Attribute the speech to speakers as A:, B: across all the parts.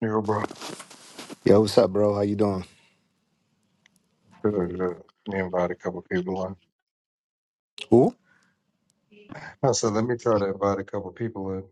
A: Yo, bro.
B: Yo, what's up, bro? How you doing?
A: Good, good. Me invite a couple people in.
B: Ooh,
A: I said, let me try to invite a couple people in.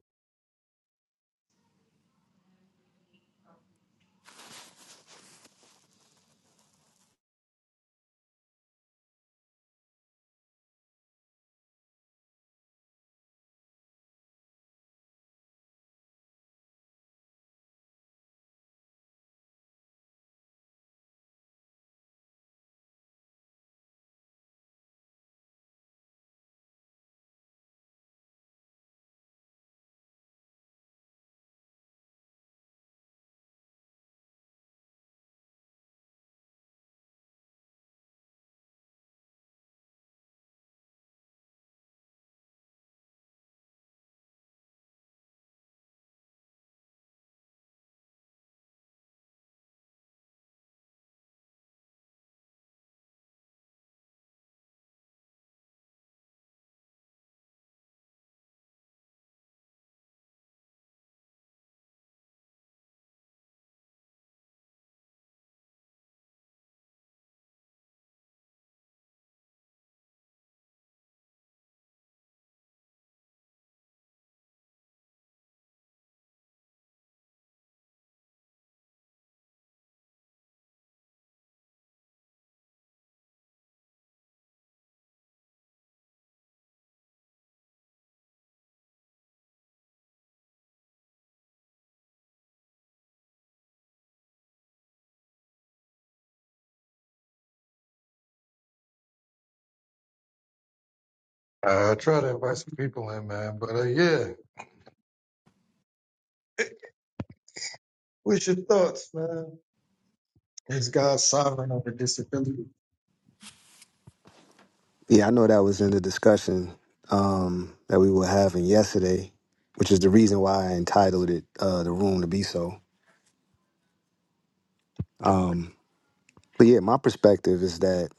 A: I try to invite some people in, man. But uh, yeah, what's your thoughts, man? Is God sovereign over disability?
B: Yeah, I know that was in the discussion um, that we were having yesterday, which is the reason why I entitled it uh, "The Room to Be So." Um, but yeah, my perspective is that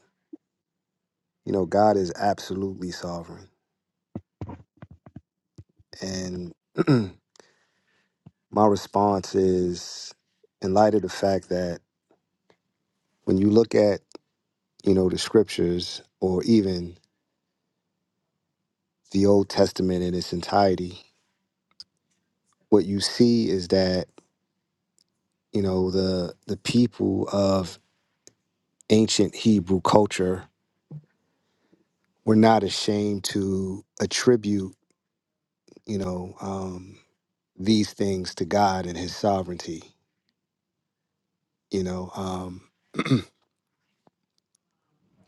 B: you know God is absolutely sovereign, and my response is, in light of the fact that when you look at you know the scriptures or even the Old Testament in its entirety, what you see is that you know the the people of ancient Hebrew culture were not ashamed to attribute, you know, um, these things to God and His sovereignty. You know, um,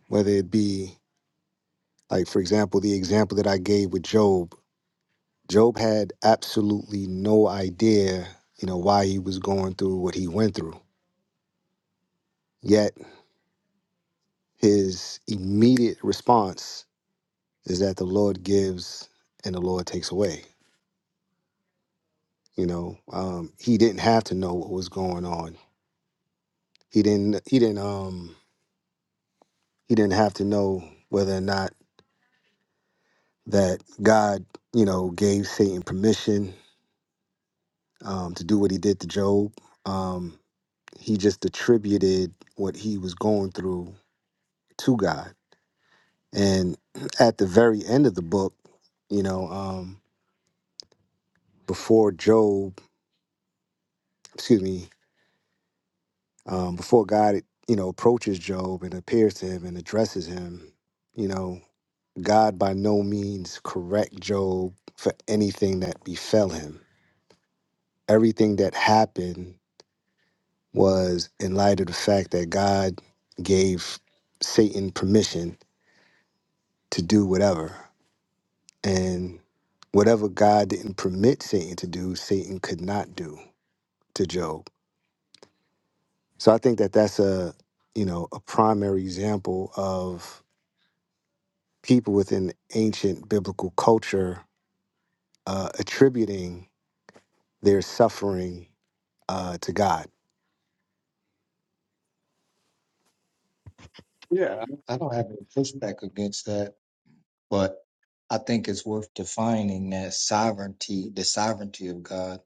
B: whether it be like, for example, the example that I gave with Job. Job had absolutely no idea, you know, why he was going through what he went through. Yet his immediate response is that the Lord gives and the Lord takes away. You know, um, he didn't have to know what was going on He didn't he didn't um he didn't have to know whether or not that God, you know, gave Satan permission um to do what he did to Job. Um he just attributed what he was going through to God. And at the very end of the book, you know, um before Job, excuse me, um before God, you know, approaches Job and appears to him and addresses him, you know, God by no means correct Job for anything that befell him. Everything that happened was in light of the fact that God gave Satan permission to do whatever. And whatever God didn't permit Satan to do, Satan could not do to Job. So I think that that's a, you know, a primary example of people within ancient biblical culture uh, attributing their suffering uh, to God
A: Yeah, I don't have any pushback against that, but I think it's worth defining that sovereignty, the sovereignty of God,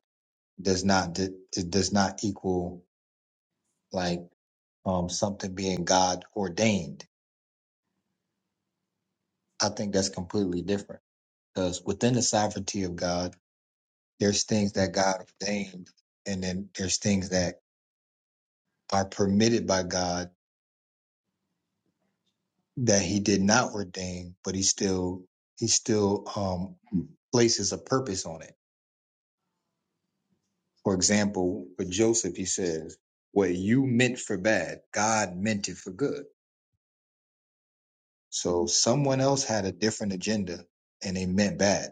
A: does not d- it does not equal like um something being God ordained. I think that's completely different because within the sovereignty of God. there's things that God ordained, and then there's things that are permitted by God that He did not ordain, but He still He still um, places a purpose on it. For example, for Joseph, He says, "What you meant for bad, God meant it for good." So someone else had a different agenda, and they meant bad.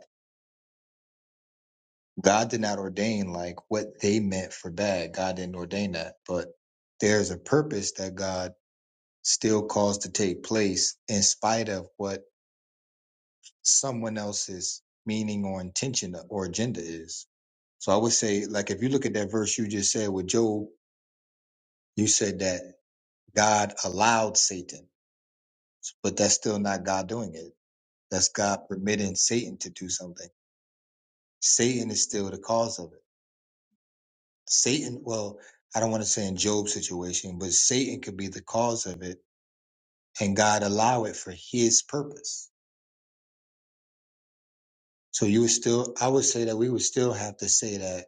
A: God did not ordain like what they meant for bad. God didn't ordain that, but there's a purpose that God still caused to take place in spite of what someone else's meaning or intention or agenda is. So I would say, like, if you look at that verse you just said with Job, you said that God allowed Satan, but that's still not God doing it. That's God permitting Satan to do something. Satan is still the cause of it. Satan, well, I don't want to say in Job's situation, but Satan could be the cause of it and God allow it for his purpose. So you would still, I would say that we would still have to say that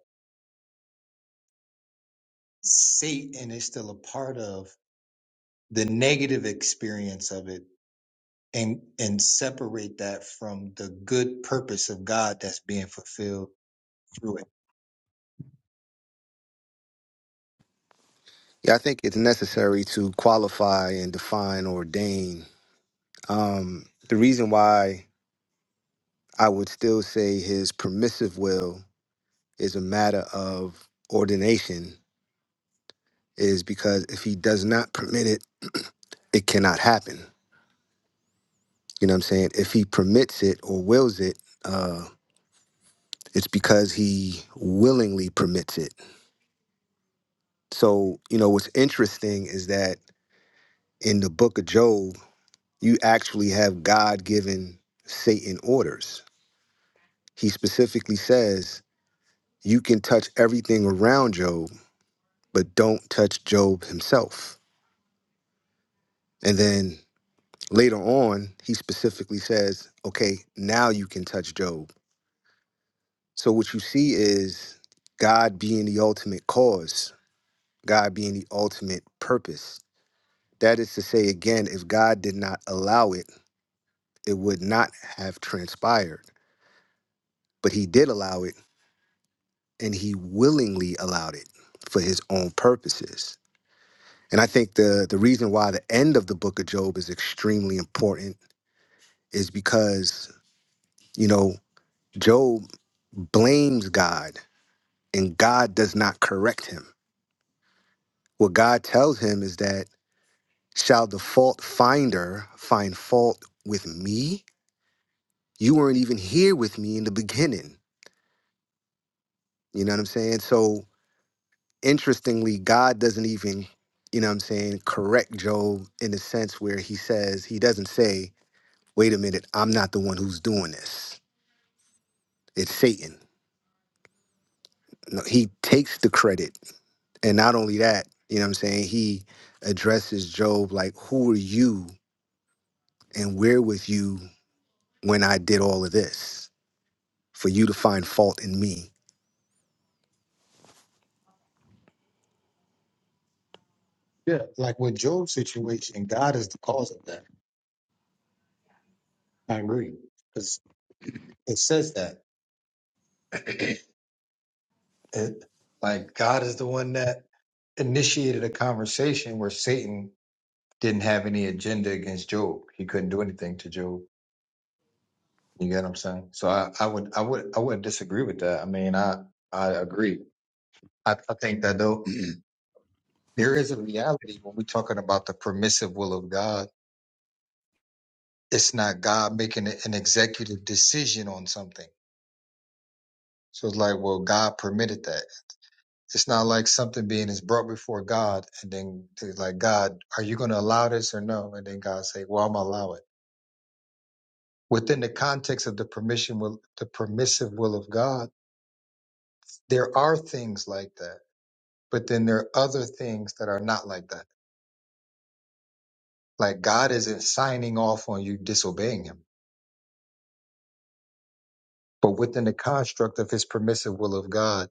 A: Satan is still a part of the negative experience of it and, and separate that from the good purpose of God that's being fulfilled through it.
B: Yeah, I think it's necessary to qualify and define ordain. Um, the reason why I would still say his permissive will is a matter of ordination is because if he does not permit it, it cannot happen. You know what I'm saying? If he permits it or wills it, uh, it's because he willingly permits it. So, you know, what's interesting is that in the book of Job, you actually have God given Satan orders He specifically says, You can touch everything around Job, but don't touch Job himself. And then later on, he specifically says, Okay, now you can touch Job. So what you see is God being the ultimate cause, God being the ultimate purpose. That is to say, again, if God did not allow it, it would not have transpired. But he did allow it, and he willingly allowed it for his own purposes. And I think the the reason why the end of the book of Job is extremely important is because, you know, Job blames God and God does not correct him. What God tells him is that shall the fault finder find fault with me? You weren't even here with me in the beginning. You know what I'm saying? So interestingly, God doesn't even, you know what I'm saying, correct Job in the sense where he says, he doesn't say, wait a minute, I'm not the one who's doing this It's Satan. No, he takes the credit. And not only that, you know what I'm saying? He addresses Job like, Who are you and where was you when I did all of this for you to find fault in me?
A: Yeah. Like with Job's situation, God is the cause of that. I agree. Because it says that. it, like God is the one that initiated a conversation where Satan didn't have any agenda against Job. He couldn't do anything to Job You get what I'm saying? So I, I would I would I wouldn't disagree with that. I mean I I agree. I, I think that though there is a reality when we're talking about the permissive will of God. It's not God making an executive decision on something. So it's like, well, God permitted that. It's not like something being is brought before God and then it's like, God, are you going to allow this or no? And then God say, well, I'm gonna allow it. Within the context of the permission will, the permissive will of God, there are things like that But then there are other things that are not like that. Like God isn't signing off on you disobeying him. But within the construct of his permissive will of God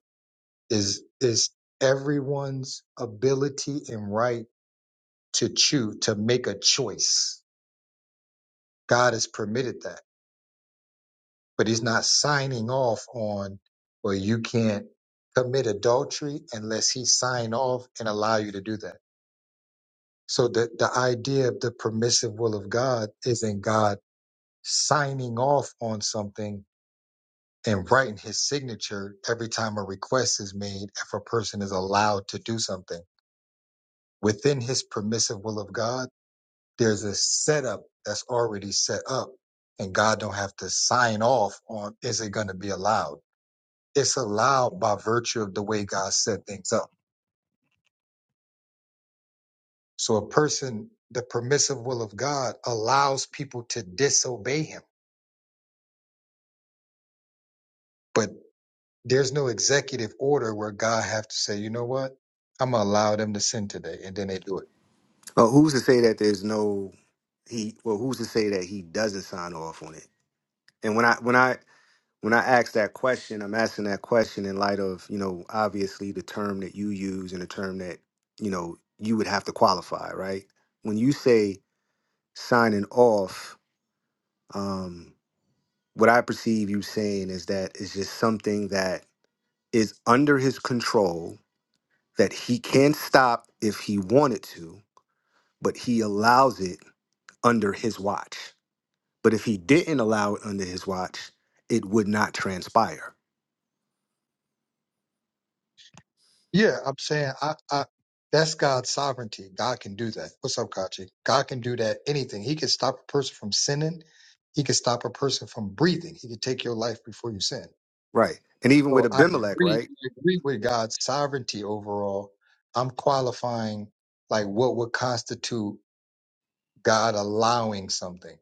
A: is is everyone's ability and right to choose to make a choice. God has permitted that. But he's not signing off on well, you can't commit adultery unless he sign off and allow you to do that. So the, the idea of the permissive will of God isn't God signing off on something and writing his signature every time a request is made if a person is allowed to do something. Within his permissive will of God, there's a setup that's already set up and God don't have to sign off on is it going to be allowed. It's allowed by virtue of the way God set things up. So a person, the permissive will of God allows people to disobey him but. There's no executive order where God have to say, you know what, I'm gonna allow them to sin today, and then they do it.
B: Well, who's to say that there's no he well, who's to say that he doesn't sign off on it? And when I when I when I ask that question, I'm asking that question in light of, you know, obviously the term that you use and the term that, you know, you would have to qualify, right? When you say signing off, Um, what I perceive you saying is that it's just something that is under his control that he can stop if he wanted to, but he allows it under his watch. But if he didn't allow it under his watch, it would not transpire.
A: Yeah, I'm saying I, I that's God's sovereignty. God can do that. What's up, Kachi? God can do that. Anything. He can stop a person from sinning. He can stop a person from breathing. He can take your life before you sin.
B: Right. And even with
A: So I
B: Abimelech,
A: agree,
B: right?
A: I agree with God's sovereignty overall. I'm qualifying like what would constitute God allowing something,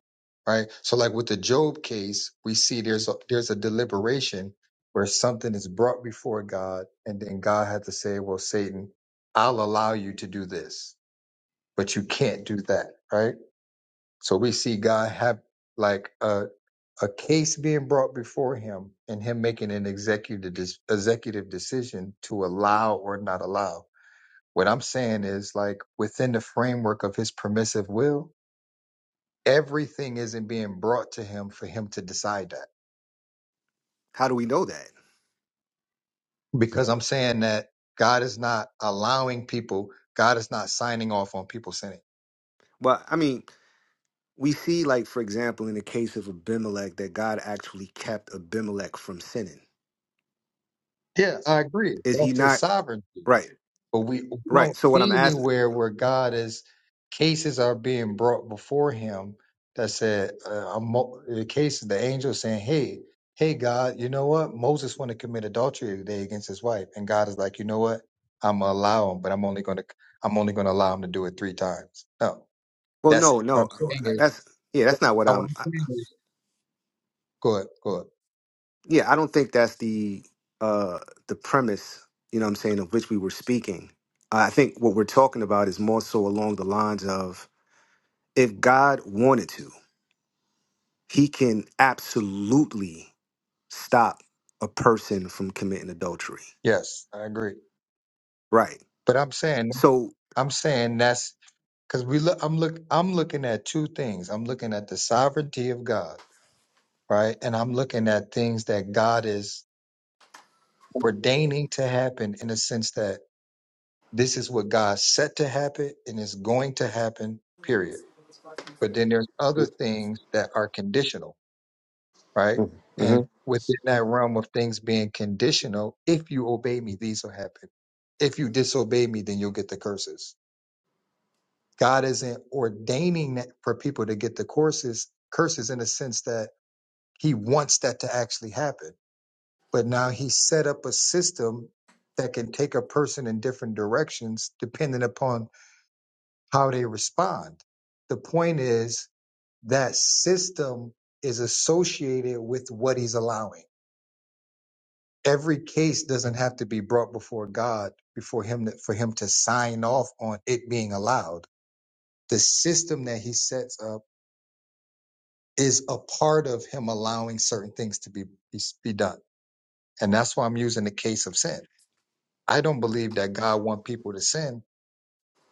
A: right? So like with the Job case, we see there's a, there's a deliberation where something is brought before God, and then God had to say, "Well, Satan, I'll allow you to do this, but you can't do that," right? So we see God have like a a case being brought before him, and him making an executive des- executive decision to allow or not allow. What I'm saying is like within the framework of his permissive will everything isn't being brought to him for him to decide that.
B: How do we know that?
A: Because I'm saying that God is not allowing people, God is not signing off on people sinning.
B: Well, I mean, we see, like, for example, in the case of Abimelech, that God actually kept Abimelech from sinning.
A: Yeah, I agree.
B: Is he
A: That's his
B: not?
A: sovereignty.
B: Right.
A: But we we
B: Right.
A: don't
B: So what I'm
A: see
B: asking.
A: anywhere where God is cases are being brought before Him that said uh, a mo- the case of the angel saying, "Hey, hey, God, you know what? Moses want to commit adultery today against his wife," and God is like, "You know what? I'm gonna allow him, but I'm only gonna I'm only gonna allow him to do it three times." No,
B: Well,
A: that's
B: no,
A: what
B: no,
A: I'm saying
B: uh,
A: is
B: that's yeah, that's not what
A: uh, what
B: I'm.
A: I'm
B: I,
A: saying is good, good.
B: yeah, I don't think that's the uh the premise. You know, what I'm saying of which we were speaking. I think what we're talking about is more so along the lines of if God wanted to, He can absolutely stop a person from committing adultery.
A: Yes, I agree.
B: Right.
A: But I'm saying
B: So,
A: I'm saying that's Because we look, I'm look, I'm looking at two things. I'm looking at the sovereignty of God, right? And I'm looking at things that God is ordaining to happen in a sense that this is what God set to happen and is going to happen, period. But then there's other things that are conditional, right? And
B: hmm
A: within that realm of things being conditional, if you obey me, these will happen. If you disobey me, then you'll get the curses God isn't ordaining that for people to get the courses curses in the sense that He wants that to actually happen. But now He set up a system that can take a person in different directions depending upon how they respond. The point is that system is associated with what He's allowing. Every case doesn't have to be brought before God before Him to, for Him to sign off on it being allowed. The system that He sets up is a part of him allowing certain things to be, be be done. And that's why I'm using the case of sin. I don't believe that God wants people to sin,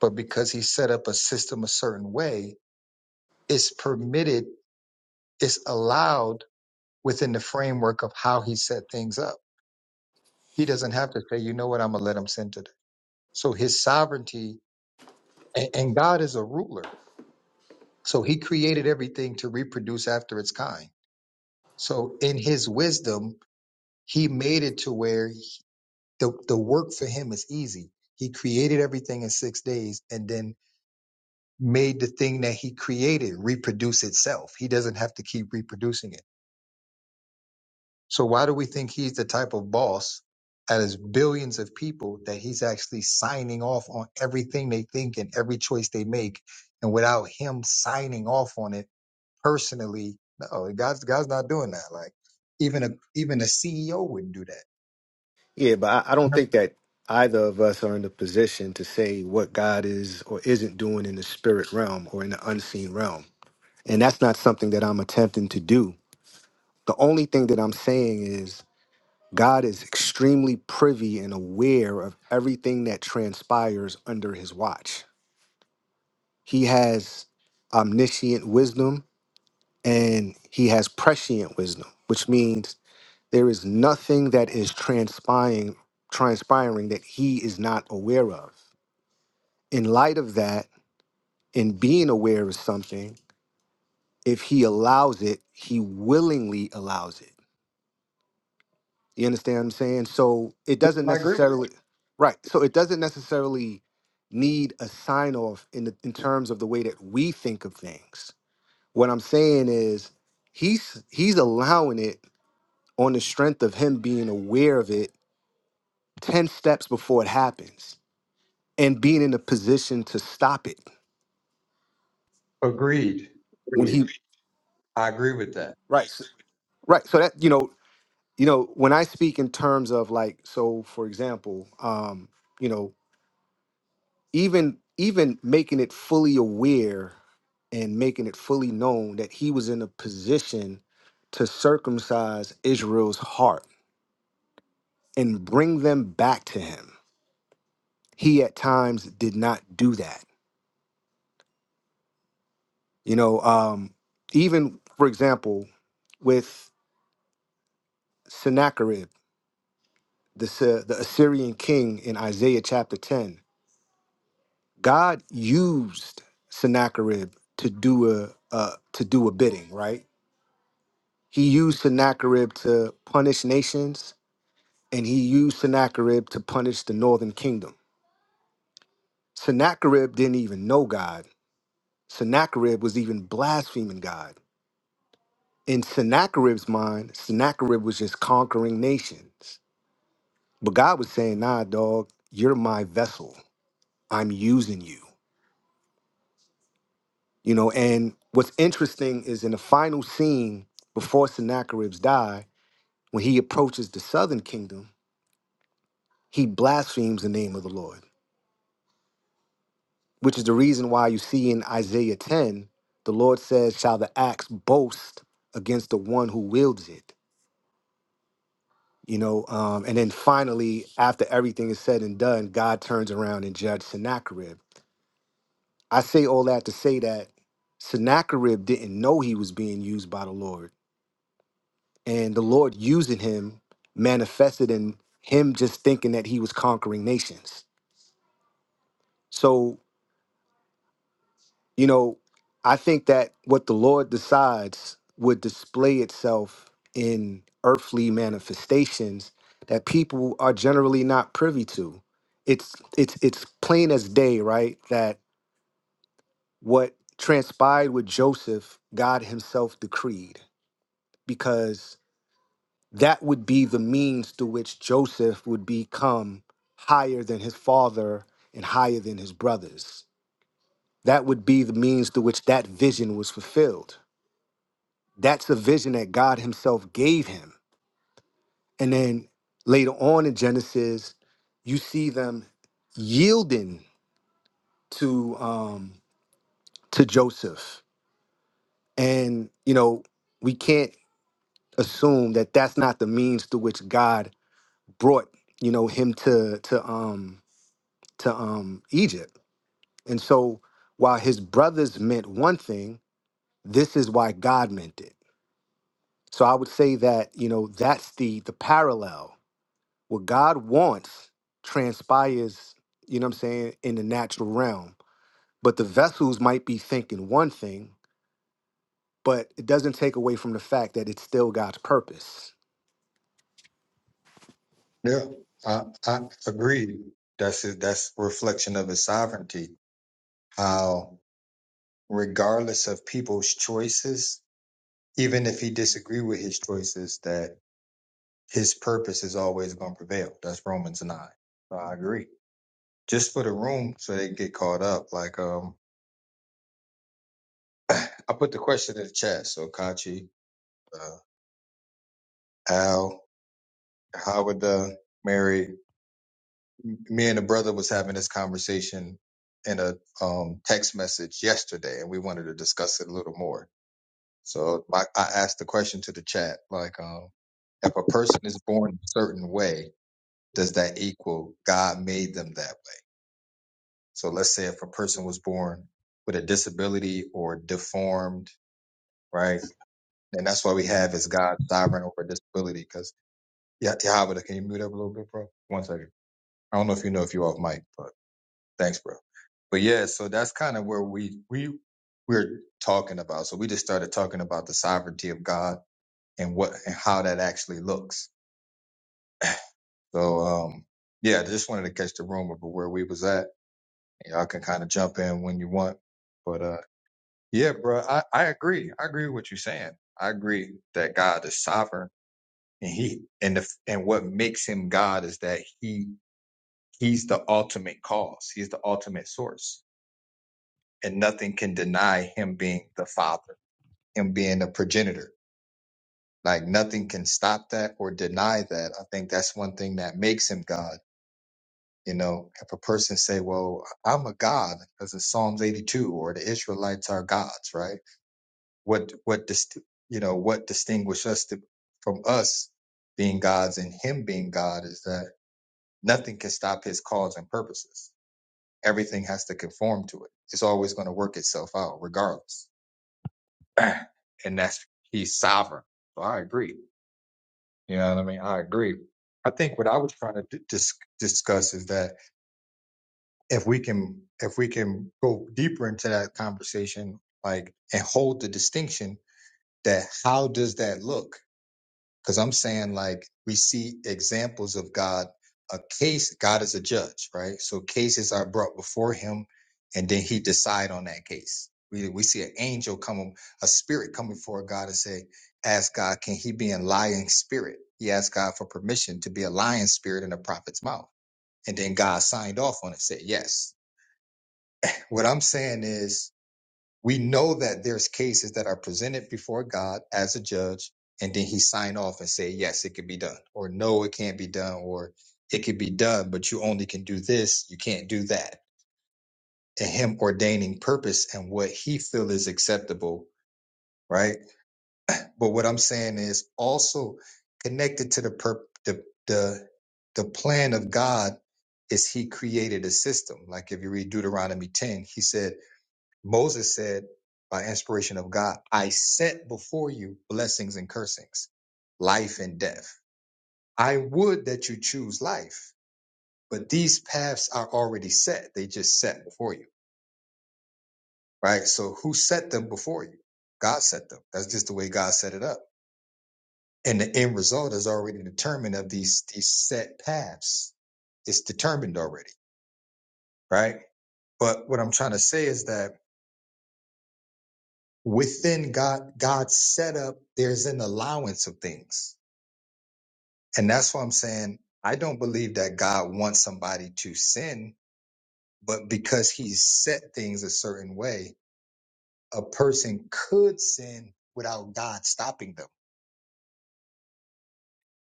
A: but because he set up a system a certain way, it's permitted, it's allowed within the framework of how he set things up. He doesn't have to say, you know what, I'm gonna let him sin today. So his sovereignty and, and God is a ruler. So he created everything to reproduce after its kind. So in his wisdom, he made it to where the the work for him is easy. He created everything in six days and then made the thing that he created reproduce itself. He doesn't have to keep reproducing it. So why do we think he's the type of boss out of billions of people that he's actually signing off on everything they think and every choice they make? And without him signing off on it personally, no, God's God's not doing that. Like even a even a CEO wouldn't do that.
B: yeah, but I, I don't think that either of us are in the position to say what God is or isn't doing in the spirit realm or in the unseen realm And that's not something that I'm attempting to do. The only thing that I'm saying is God is extremely privy and aware of everything that transpires under his watch. He has omniscient wisdom and he has prescient wisdom, which means there is nothing that is transpiring transpiring that he is not aware of. In light of that, in being aware of something, if he allows it, he willingly allows it You understand what I'm saying? So it doesn't
A: I agree with.
B: necessarily right. So it doesn't necessarily need a sign off in the, in terms of the way that we think of things. What I'm saying is he's he's allowing it on the strength of him being aware of it 10 steps before it happens and being in a position to stop it
A: you. Agreed.
B: when
A: Agreed.
B: he
A: I agree with that.
B: right so- right so that you know you know when I speak in terms of like so for example um you know even even making it fully aware and making it fully known that he was in a position to circumcise Israel's heart and bring them back to him. He at times did not do that. You know, um, even for example, with Sennacherib, the, Sy- the Assyrian king in Isaiah chapter 10, God used Sennacherib to do a uh, to do a bidding, right? He used Sennacherib to punish nations, and he used Sennacherib to punish the northern kingdom. Sennacherib didn't even know God. Sennacherib was even blaspheming God. In Sennacherib's mind, Sennacherib was just conquering nations. But God was saying, nah, dog, you're my vessel. I'm using you. You know, and what's interesting is in the final scene before Sennacherib's die, when he approaches the southern kingdom, he blasphemes the name of the Lord which is the reason why you see in Isaiah 10, the Lord says, Shall the axe boast against the one who wields it? You know, um, and then finally, after everything is said and done, God turns around and judges Sennacherib. I say all that to say that Sennacherib didn't know he was being used by the Lord, and the Lord using him manifested in him just thinking that he was conquering nations. So. You know, I think that what the Lord decides would display itself in earthly manifestations that people are generally not privy to. It's it's it's plain as day, right? That what transpired with Joseph, God himself decreed because that would be the means through which Joseph would become higher than his father and higher than his brothers. That would be the means through which that vision was fulfilled That's a vision that God Himself gave him. And then later on in Genesis, you see them yielding to um, to Joseph, and you know we can't assume that that's not the means through which God brought you know him to to um to um Egypt. And so while his brothers meant one thing, this is why God meant it. So I would say that you know that's the the parallel what God wants transpires, you know what I'm saying, in the natural realm. But the vessels might be thinking one thing, but it doesn't take away from the fact that it's still God's purpose.
A: Yeah, I, I agree. That's it. That's a reflection of his sovereignty. How, regardless of people's choices, even if he disagree with his choices, that his purpose is always going to prevail. That's Romans nine. So I agree. Just for the room, so they get caught up. Like, um, I put the question in the chat. So Kachi, uh, Al, Howard, uh, Mary. me and a brother was having this conversation in a um, text message yesterday, and we wanted to discuss it a little more. So I, I asked the question to the chat, like, um, if a person is born a certain way, does that equal God made them that way? So let's say if a person was born with a disability or deformed, right? And that's why we have is God sovereign over disability. Because yeah, Yahweh, can you mute up a little bit, bro? One second. I don't know if you know if you're off mic, but. Thanks, bro. But yeah, so that's kind of where we we we're talking about. So we just started talking about the sovereignty of God and what and how that actually looks. So um yeah, I just wanted to catch the room of where we was at. Y'all can kind of jump in when you want. But uh yeah, bro, I, I agree. I agree with what you're saying. I agree that God is sovereign and he and the and what makes him God is that he he's the ultimate cause. He's the ultimate source and nothing can deny him being the father, him being a progenitor. Like nothing can stop that or deny that. I think that's one thing that makes him God. You know, if a person say, "Well, I'm a God," because in Psalms 82, or the Israelites are gods, right? What what dist- you know what distinguishes us to, from us being gods and him being God is that nothing can stop his cause and purposes. Everything has to conform to it. It's always going to work itself out, regardless. and that's he's sovereign. So I agree. You know what I mean? I agree. I think what I was trying to d- dis- discuss is that if we can if we can go deeper into that conversation, like and hold the distinction that how does that look? Because I'm saying like we see examples of God. A case, God is a judge, right? So cases are brought before Him, and then He decide on that case. We we see an angel come, a spirit come before God and say, "Ask God, can He be a lying spirit?" He asked God for permission to be a lying spirit in the prophet's mouth, and then God signed off on it, said yes. What I'm saying is we know that there's cases that are presented before God as a judge, and then he sign off and say, yes, it could be done, or no, it can't be done, or it could be done, but you only can do this, you can't do that. And him ordaining purpose and what he feel is acceptable, right? But what I'm saying is also connected to the pur- the the the plan of God is he created a system. Like if you read Deuteronomy 10, he said, Moses said, by inspiration of God, I set before you blessings and cursings, life and death. I would that you choose life, but these paths are already set. They just set before you, right? So who set them before you? God set them. That's just the way God set it up. And the end result is already determined of these, these set paths. It's determined already, right? But what I'm trying to say is that within God, God's setup, there's an allowance of things And that's why I'm saying I don't believe that God wants somebody to sin, but because he's set things a certain way, a person could sin without God stopping them.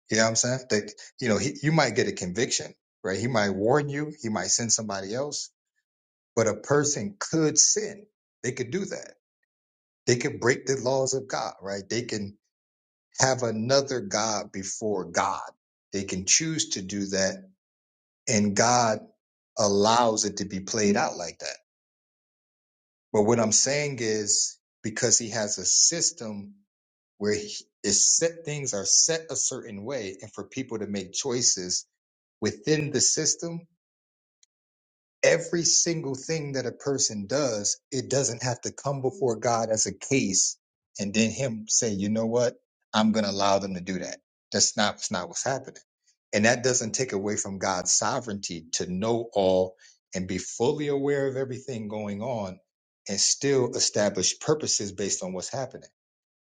A: You know what I'm saying? That you know, he, you might get a conviction, right? He might warn you, he might send somebody else, but a person could sin. They could do that. They could break the laws of God, right? They can have another God before God. They can choose to do that and God allows it to be played out like that. But what I'm saying is because he has a system where he is set things are set a certain way and for people to make choices within the system every single thing that a person does, it doesn't have to come before God as a case and then him say, you know what? I'm going to allow them to do that. That's not, that's not what's happening. And that doesn't take away from God's sovereignty to know all and be fully aware of everything going on and still establish purposes based on what's happening.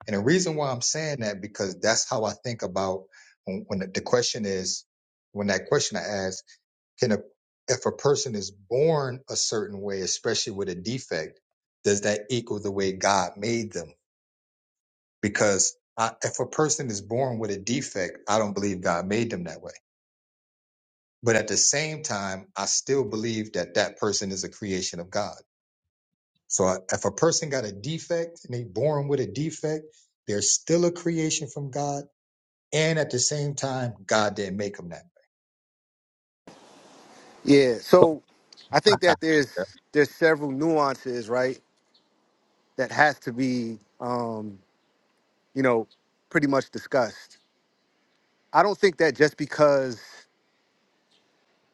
A: And the reason why I'm saying that, because that's how I think about when, when the the question is, when that question I asked can a if a person is born a certain way, especially with a defect, does that equal the way God made them? Because I, if a person is born with a defect, I don't believe God made them that way. But at the same time, I still believe that that person is a creation of God. So I- if a person got a defect and they born with a defect, they're still a creation from God. And at the same time, God didn't make them that way.
B: Yeah. So I think that there's there's several nuances, right, that has to be um, you know, pretty much discussed. I don't think that just because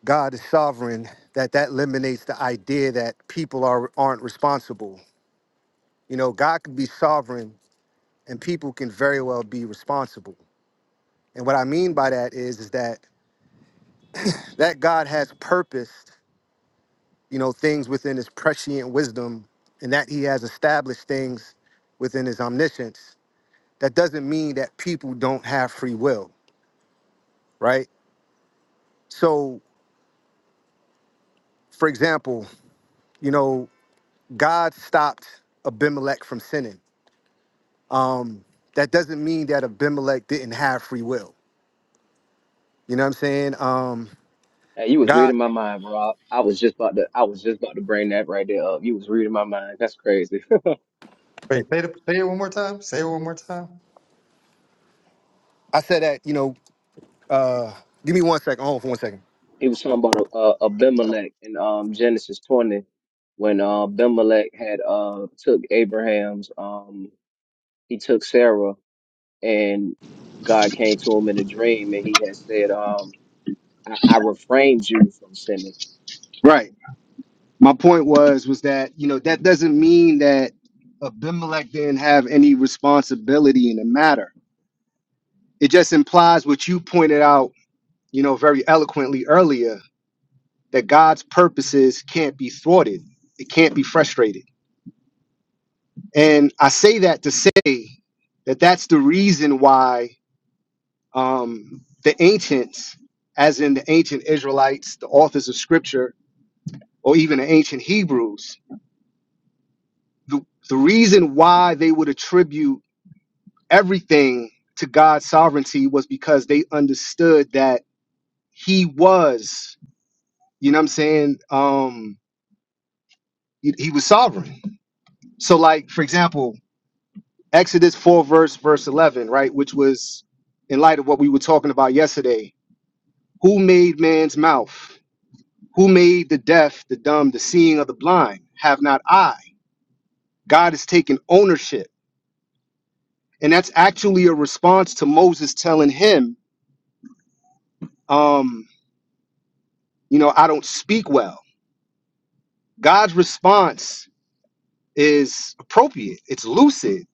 B: God is sovereign that that eliminates the idea that people are aren't responsible. You know, God can be sovereign and people can very well be responsible. And what I mean by that is, is that that God has purposed, you know, things within His prescient wisdom, and that He has established things within His omniscience. That doesn't mean that people don't have free will, right? So, for example, you know, God stopped Abimelech from sinning. That doesn't mean that Abimelech didn't have free will. You know what I'm saying? Um,
C: Hey, you was
B: God,
C: reading my mind, bro. I, I was just about to, I was just about to bring that right there up. You was reading my mind. That's crazy.
A: Wait, say, the, say it one more time. Say it one more time.
B: I said that, you know, uh, give me one second. Hold on for one second.
C: He was talking about uh, uh, Abimelech in um, Genesis 20 when uh, Abimelech had uh, took Abraham's, um, he took Sarah, and God came to him in a dream, and he had said, um, I, "I refrained you from sinning."
B: Right. My point was was that you know that doesn't mean that Abimelech didn't have any responsibility in the matter. It just implies what you pointed out, you know, very eloquently earlier that God's purposes can't be thwarted. It can't be frustrated. And I say that to say that that's the reason why um, the ancients, as in the ancient Israelites, the authors of Scripture, or even the ancient Hebrews, the, the reason why they would attribute everything to God's sovereignty was because they understood that he was, you know what I'm saying? Um he, he was sovereign. So like for example, Exodus 4 verse verse 11, right, which was in light of what we were talking about yesterday, who made man's mouth? Who made the deaf, the dumb, the seeing of the blind? Have not I? God has taken ownership. And that's actually a response to Moses telling him, um, you know, I don't speak well God's response is appropriate. It's lucid.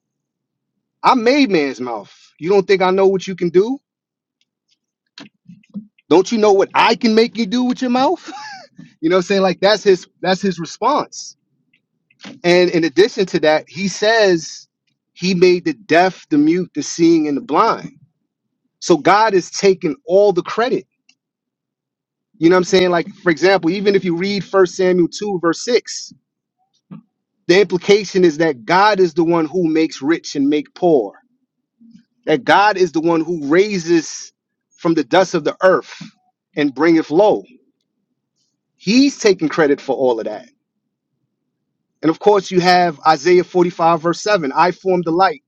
B: I made man's mouth. You don't think I know what you can do? Don't you know what I can make you do with your mouth? You know what I'm saying? Like that's his that's his response. And in addition to that, he says he made the deaf, the mute, the seeing, and the blind. So God is taking all the credit. You know what I'm saying? Like, for example, even if you read First Samuel 2, verse 6, the implication is that God is the one who makes rich and make poor that God is the one who raises from the dust of the earth and bringeth low. He's taking credit for all of that. And of course, you have Isaiah 45, verse 7 I form the light,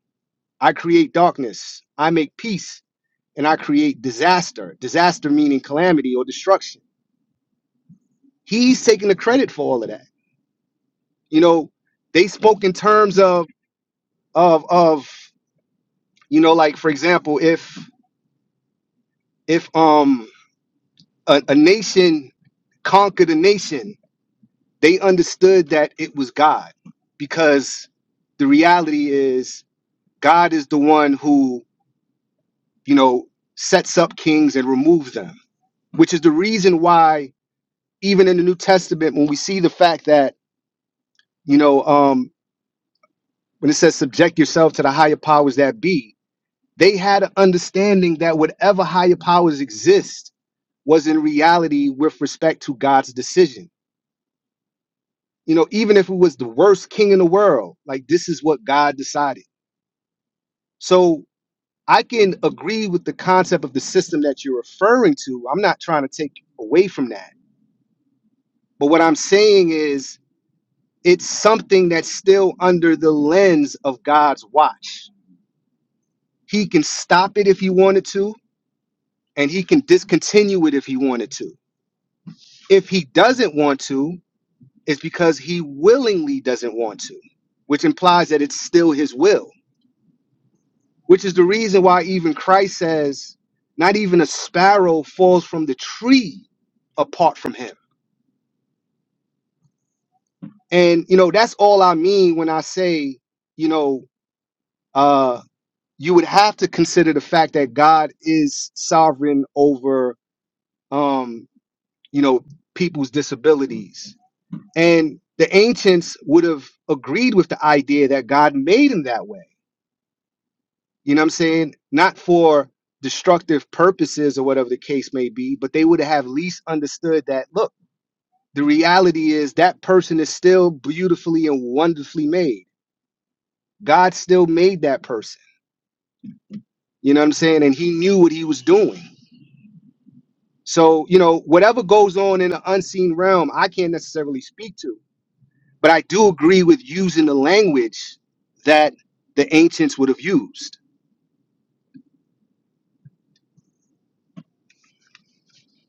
B: I create darkness, I make peace, and I create disaster. Disaster meaning calamity or destruction. He's taking the credit for all of that. You know, they spoke in terms of, of, of, you know, like for example, if, if, um, a, a nation conquered a nation They understood that it was God because the reality is God is the one who, you know, sets up kings and removes them, which is the reason why even in the New Testament when we see the fact that, you know, um when it says subject yourself to the higher powers that be, they had an understanding that whatever higher powers exist was in reality with respect to God's decision. You know, even if it was the worst king in the world, like this is what God decided. So I can agree with the concept of the system that you're referring to. I'm not trying to take away from that. But what I'm saying is it's something that's still under the lens of God's watch. He can stop it if he wanted to, and he can discontinue it if he wanted to. If he doesn't want to, it's because he willingly doesn't want to, which implies that it's still his will, which is the reason why even Christ says, not even a sparrow falls from the tree apart from him and you know that's all i mean when i say you know uh you would have to consider the fact that god is sovereign over um you know people's disabilities and the ancients would have agreed with the idea that god made him that way you know what i'm saying not for destructive purposes or whatever the case may be but they would have at least understood that look the reality is that person is still beautifully and wonderfully made God still made that person. You know what I'm saying? And he knew what he was doing. So, you know, whatever goes on in the unseen realm, I can't necessarily speak to. But I do agree with using the language that the ancients would have used.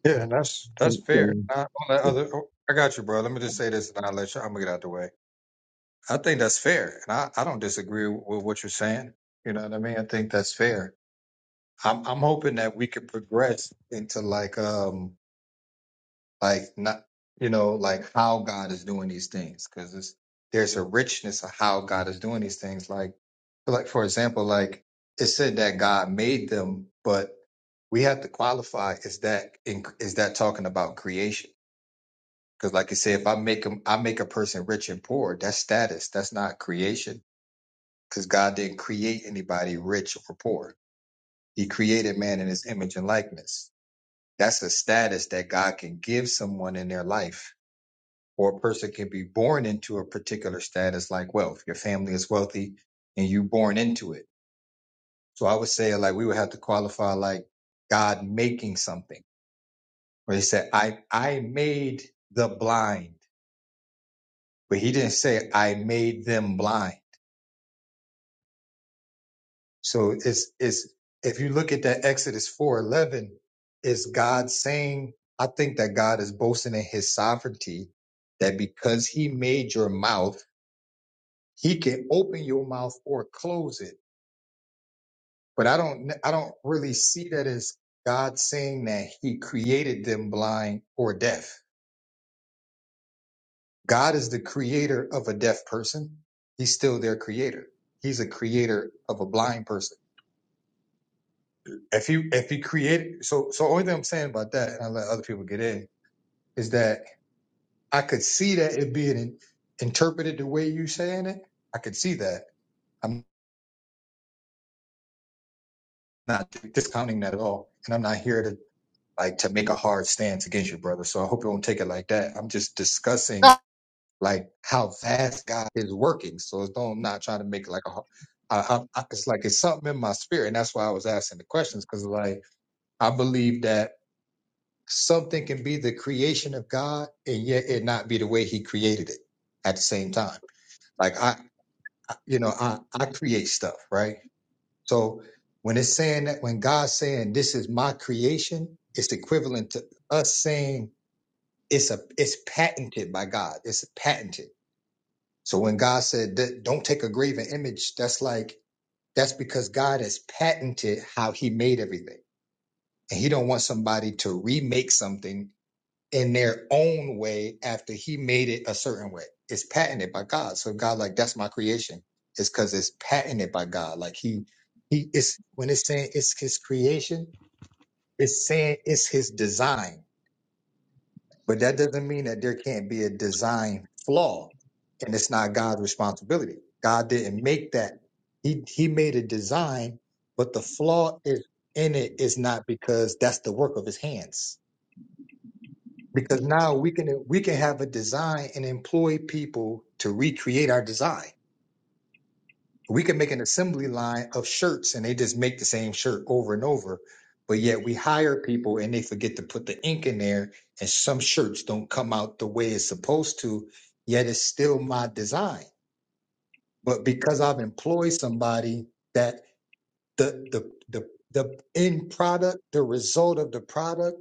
A: Yeah, and that's that's
D: Thank
A: fair.
D: you.
A: I, on the other, oh, I got you, bro. Let me just say this, and I'll let you. I'm gonna get out the way. I think that's fair, and I, I don't disagree with what you're saying. You know what I mean? I think that's fair. I'm I'm hoping that we could progress into like um like not you know like how God is doing these things because there's a richness of how God is doing these things. Like like for example, like it said that God made them, but we have to qualify. Is that in, is that talking about creation? Because, like you say, if I make them, I make a person rich and poor. That's status. That's not creation. Because God didn't create anybody rich or poor. He created man in His image and likeness. That's a status that God can give someone in their life, or a person can be born into a particular status, like wealth. Your family is wealthy, and you born into it. So I would say, like, we would have to qualify, like, God making something, where He said, "I I made the blind," but He didn't say, "I made them blind." So it's it's if you look at that Exodus four eleven, it's God saying, I think that God is boasting in his sovereignty that because he made your mouth, he can open your mouth or close it. But I don't I don't really see that as God saying that he created them blind or deaf. God is the creator of a deaf person. He's still their creator. He's a creator of a blind person if you if you create so so only thing I'm saying about that, and I let other people get in, is that I could see that it being interpreted the way you saying it. I could see that. I'm not discounting that at all, and I'm not here to like to make a hard stance against you, brother. So I hope you don't take it like that. I'm just discussing like how fast God is working. So it's don't I'm not trying to make it like a. har- I, I, I- it's like it's something in my spirit, and that's why I was asking the questions because like I believe that something can be the creation of God and yet it not be the way he created it at the same time. Like I, I- you know, I, I create stuff, right? So when it's saying that, when God's saying this is my creation, it's equivalent to us saying it's a, it's patented by God. It's patented. So when God said that don't take a graven image, that's like, that's because God has patented how he made everything and he don't want somebody to remake something in their own way after he made it a certain way. It's patented by God. So God, like, that's my creation. It's because it's patented by God. Like he, he is when it's saying it's his creation, it's saying it's his design. But that doesn't mean that there can't be a design flaw, and it's not God's responsibility. God didn't make that. He he made a design, but the flaw is in it is not because that's the work of his hands because now we can we can have a design and employ people to recreate our design. We can make an assembly line of shirts and they just make the same shirt over and over, but yet we hire people and they forget to put the ink in there and some shirts don't come out the way it's supposed to, yet it's still my design. But because I've employed somebody that the the the the end product, the result of the product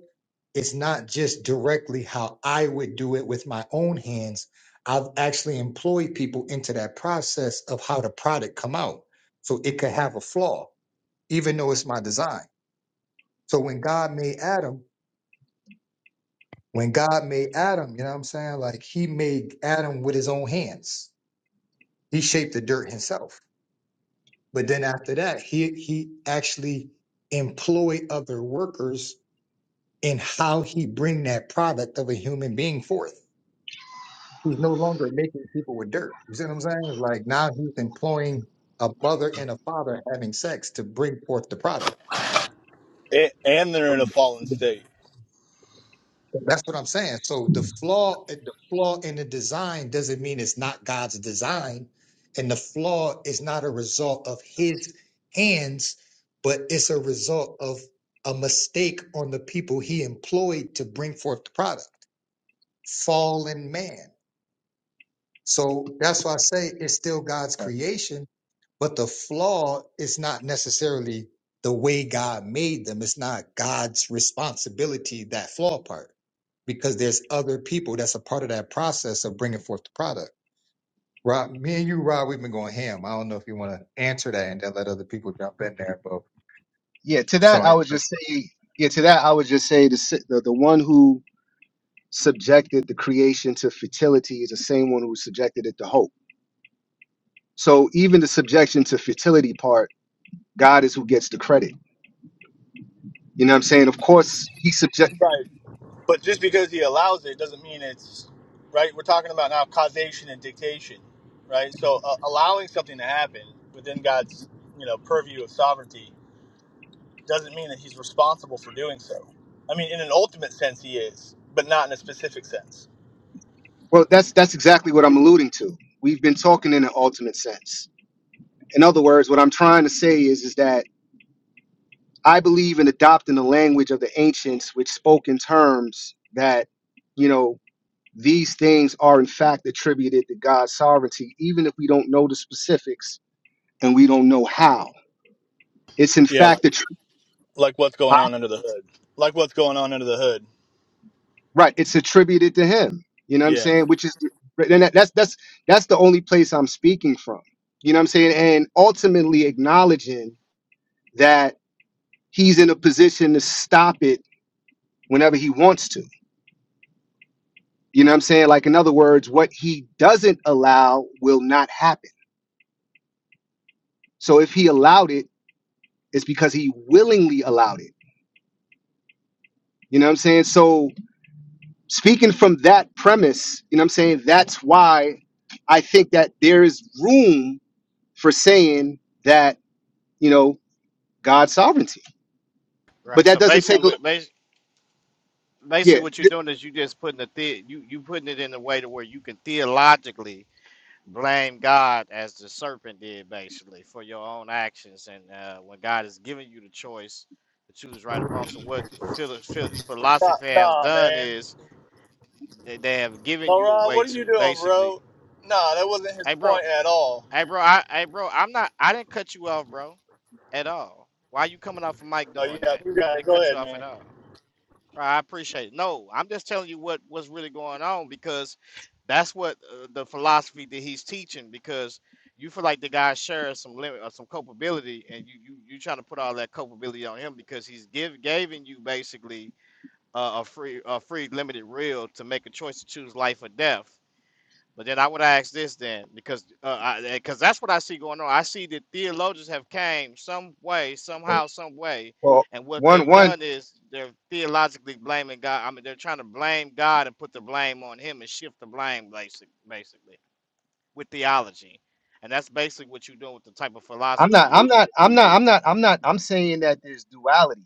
A: it's not just directly how I would do it with my own hands. I've actually employed people into that process of how the product come out. So it could have a flaw, even though it's my design. So when God made Adam, when God made Adam, you know what I'm saying? Like he made Adam with his own hands. He shaped the dirt himself. But then after that, he he actually employed other workers in how he bring that product of a human being forth. He's no longer making people with dirt. You see what I'm saying? It's Like now he's employing a mother and a father having sex to bring forth the product.
E: A- and they're in a fallen state.
A: That's what I'm saying. So the flaw, the flaw in the design doesn't mean it's not God's design, and the flaw is not a result of His hands, but it's a result of a mistake on the people He employed to bring forth the product. Fallen man. So that's why I say it's still God's
B: Right.
A: creation, But the flaw is not necessarily the way God made them. It's not God's responsibility, that flaw part, because there's other people that's a part of that process of bringing forth the product. Rob, me and you, Rob, we've been going ham. I don't know if you want to answer that and then let other people jump in there, but
B: Yeah, to that I
A: showing.
B: would just say yeah, to that I would just say the si- the, the one who subjected the creation to fertility is the same one who subjected it to hope. So even the subjection to fertility part, God is who gets the credit. You know what I'm saying? Of course, he subject
E: Right. But just because he allows it doesn't mean it's right. We're talking about now causation and dictation, right? So uh, allowing something to happen within God's you know purview of sovereignty doesn't mean that He's responsible for doing so. I mean, in an ultimate sense, He is, but not in a specific sense.
B: Well, that's that's exactly what I'm alluding to. We've been talking in an ultimate sense. In other words, what I'm trying to say is is that I believe in adopting the language of the ancients, which spoke in terms that, you know, these things are in fact attributed to God's sovereignty, even if we don't know the specifics and we don't know how. It's in
E: Yeah, like,
B: fact attri-
E: like what's going
B: Huh?
E: on under the hood. Like what's going on under the hood.
B: right. It's attributed to Him. You know what I'm
E: Yeah.
B: saying? Which is, and that- that's that's that's the only place I'm speaking from. You know what I'm saying? And ultimately acknowledging that he's in a position to stop it whenever he wants to. You know what I'm saying? Like, in other words, what he doesn't allow will not happen. So if he allowed it, it's because he willingly allowed it. You know what I'm saying? So speaking from that premise, you know what I'm saying? That's why I think that there is room for saying that, you know, God's sovereignty. But
F: Right.
B: that
F: So
B: doesn't
F: basically,
B: take a
F: what bas- basically
B: yeah.
F: what you're doing is you just putting the, the you you putting it in a way to where you can theologically blame God as the serpent did, basically, for your own actions. And uh, when God is giving you the choice to choose right or wrong, so what philo- phil-
E: Nah,
F: philosophy has
E: nah
F: done
E: man.
F: is they, they have given you a
E: Laurent,
F: way
E: what are you
F: to
E: doing,
F: basically,
E: bro? Nah, that wasn't his
F: hey bro,
E: point at all.
F: hey bro, I, hey bro, I'm not, I didn't cut you off, bro, at all. Why you coming off of Mike
E: Oh, you
F: doing
E: got,
F: that?
E: you
F: I
E: got it.
F: didn't
E: Go
F: cut you
E: ahead,
F: off at
E: man.
F: all. I appreciate it. No, I'm just telling you what what's really going on because that's what uh, the philosophy that he's teaching. Because you feel like the guy shares some limit or some culpability, and you you you trying to put all that culpability on him because he's give giving you basically uh, a free a free limited will to make a choice to choose life or death. But then I would ask this then, because uh, because that's what I see going on. I see that theologians have came some way, somehow, some way,
B: Well,
F: and what
B: one
F: they've
B: one
F: done is they're theologically blaming God. I mean, they're trying to blame God and put the blame on Him and shift the blame, basic, basically, with theology, and that's basically what you're doing with the type of
B: I'm
F: philosophy
B: not
F: you're
B: I'm
F: doing,
B: not I'm not I'm not I'm not I'm saying that there's duality.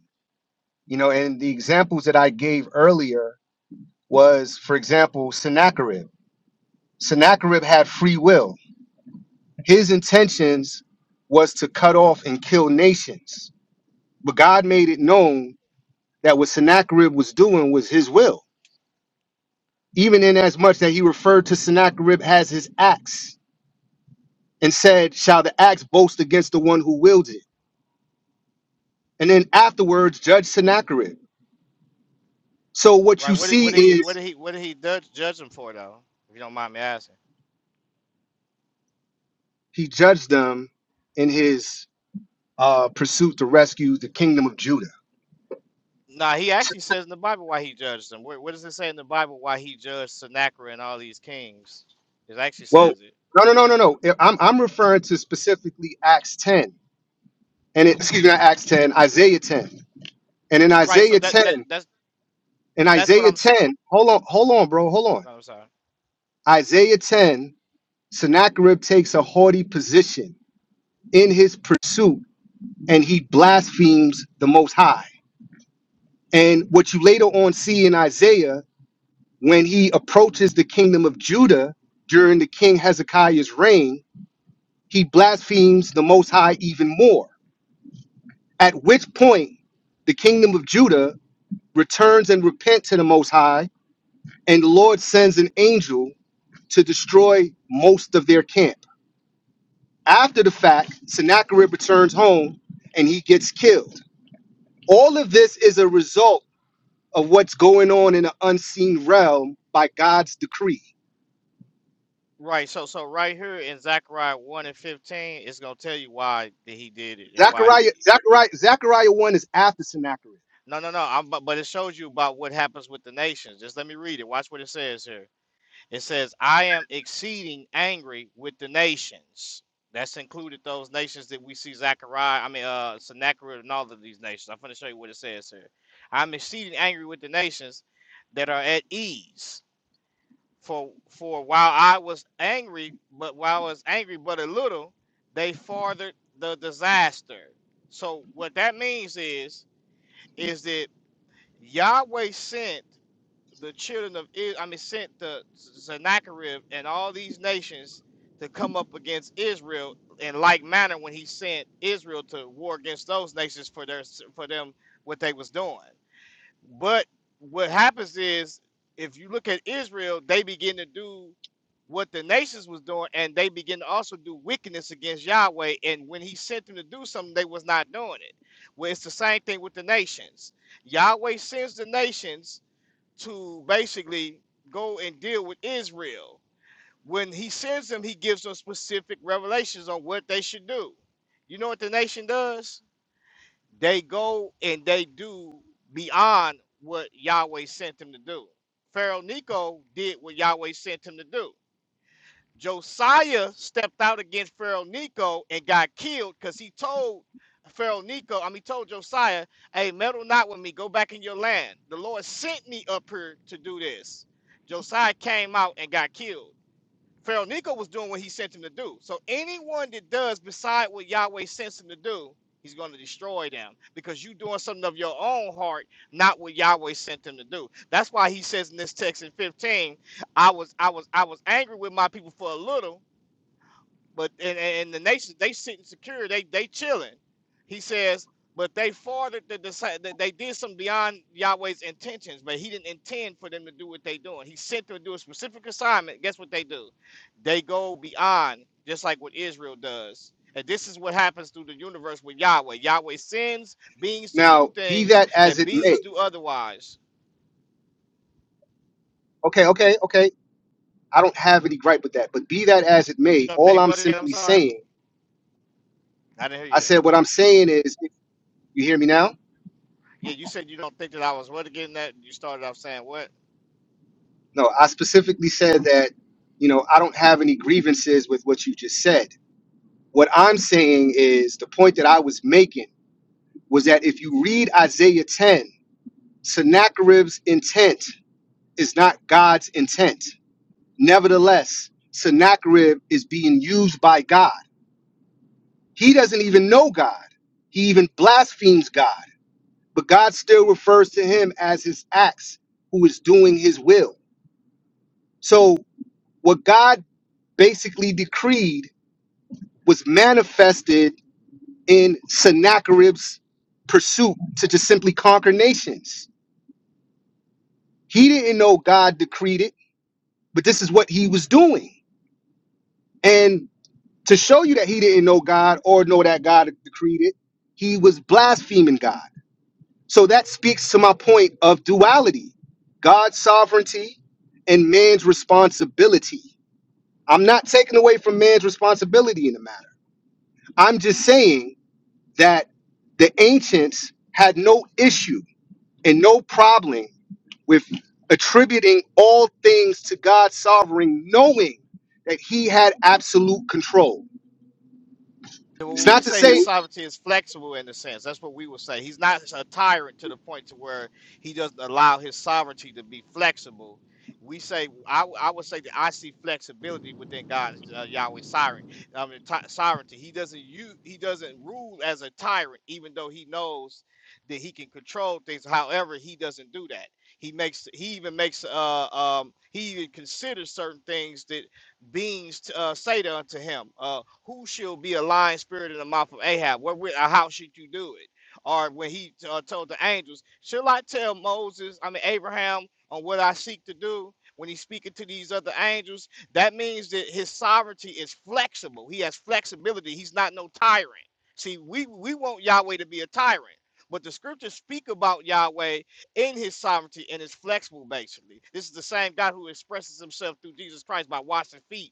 B: You know, and the examples that I gave earlier was, for example, Sennacherib. Sennacherib had free will. His intentions was to cut off and kill nations. But God made it known that what Sennacherib was doing was his will, even in as much that he referred to Sennacherib as his axe and said, Shall the axe boast against the one who wields it? And then afterwards judge Sennacherib. So what you
F: right? What did
B: see
F: what did he what
B: is
F: did he what did he judge, judge him for though? If you don't mind me asking.
B: he judged them in his uh, pursuit to rescue the kingdom of Judah.
F: Nah, he actually says in the Bible why he judged them. Where, where does it say in the Bible why he judged Sennacherib and all these kings? It actually
B: Well,
F: says it.
B: no, no, no, no, no. I- I'm, I'm referring to specifically Acts 10, and it, excuse me, not Acts 10, Isaiah 10. And in
F: Right. So
B: Isaiah
F: that
B: 10,
F: that that's
B: in
F: that's what
B: Isaiah
F: I'm saying.
B: 10, hold on, hold on, bro, hold on.
F: I'm sorry.
B: Isaiah 10, Sennacherib takes a haughty position in his pursuit, and he blasphemes the Most High. And what you later on see in Isaiah, when he approaches the kingdom of Judah during the king Hezekiah's reign, he blasphemes the Most High even more. At which point, the kingdom of Judah returns and repent to the Most High, and the Lord sends an angel to destroy most of their camp. After the fact, Sennacherib returns home and he gets killed. All of this is a result of what's going on in the unseen realm by God's decree.
F: Right. So so right here in Zechariah one and fifteen, it's gonna tell you why that he did it and why he.
B: Zechariah, Zechariah, Zechariah 1 is after Sennacherib.
F: No, no, no. I'm, but but it shows you about what happens with the nations. Just let me read it. Watch what it says here. It says, I am exceeding angry with the nations. That's included those nations that we see Zechariah, I mean, uh, Sennacherib and all of these nations. I'm going to show you what it says here. I'm exceeding angry with the nations that are at ease. For for while I was angry, but while I was angry but a little, they farthered the disaster. So what that means is, is that Yahweh sent the children of Israel, I mean, sent the Sennacherib and all these nations to come up against Israel in like manner when he sent Israel to war against those nations for their for them what they was doing. But what happens is if you look at Israel, they begin to do what the nations was doing, and they begin to also do wickedness against Yahweh. And when he sent them to do something, they was not doing it. Well, it's the same thing with the nations. Yahweh sends the nations to basically go and deal with Israel. When he sends them, he gives them specific revelations on what they should do. You know what the nation does? They go and they do beyond what Yahweh sent them to do. Pharaoh Nico did what Yahweh sent him to do. Josiah stepped out against Pharaoh Nico and got killed because he told Pharaoh Nico, I mean, told Josiah, hey, meddle not with me. Go back in your land. The Lord sent me up here to do this. Josiah came out and got killed. Pharaoh Nico was doing what he sent him to do. So anyone that does beside what Yahweh sends him to do, he's going to destroy them because you doing something of your own heart, not what Yahweh sent them to do. That's why he says in this text in 15, I was I was I was angry with my people for a little, but and, and the nation they sitting secure, they they chilling. He says, but they farthered the deci- that they did some beyond Yahweh's intentions, but he didn't intend for them to do what they doing. He sent them to do a specific assignment. Guess what they do? They go beyond, just like what Israel does. And this is what happens through the universe with Yahweh. Yahweh sends beings to do
B: Now, be
F: things,
B: that as
F: and
B: it may.
F: beings do otherwise.
B: Okay, okay, okay. I don't have any gripe with that. But be that as it
F: You
B: may,
F: don't
B: all
F: think
B: I'm
F: what again? I'm
B: simply
F: sorry,
B: saying,
F: I didn't hear
B: I
F: you there.
B: said what I'm saying is, you hear me now?
F: Yeah, you said you don't think that I was what again? That you started off saying what?
B: No, I specifically said that, you know, I don't have any grievances with what you just said. What I'm saying is the point that I was making was that if you read Isaiah 10, Sennacherib's intent is not God's intent. Nevertheless, Sennacherib is being used by God. He doesn't even know God. He even blasphemes God. but God still refers to him as his acts, who is doing his will. So, what God basically decreed was manifested in Sennacherib's pursuit to just simply conquer nations. He didn't know God decreed it, but this is what he was doing. And to show you that he didn't know God or know that God decreed it, he was blaspheming God. So that speaks to my point of duality God's sovereignty and man's responsibility. I'm not taking away from man's responsibility in the matter. I'm just saying that the ancients had no issue and no problem with attributing all things to God's sovereign, knowing that he had absolute control. It's
F: When we
B: not to
F: say
B: say
F: his sovereignty is flexible in a sense, that's what we would say. He's not a tyrant to the point to where he doesn't allow his sovereignty to be flexible. We say, I, I would say that I see flexibility within God's uh, Yahweh's sovereign, I mean, ti- sovereignty. He doesn't use, he doesn't rule as a tyrant, even though he knows that he can control things. However, he doesn't do that. He makes, he even makes, uh, um, he even considers certain things that beings to, uh, say to unto him, uh, Who shall be a lying spirit in the mouth of Ahab? Wherewith, or how should you do it? Or when he uh, told the angels, Shall I tell Moses, I mean, Abraham, on what I seek to do? When he's speaking to these other angels, that means that his sovereignty is flexible. He has flexibility. He's not no tyrant. See, we, we want Yahweh to be a tyrant, but the scriptures speak about Yahweh in his sovereignty and is flexible, basically. This is the same God who expresses himself through Jesus Christ by washing feet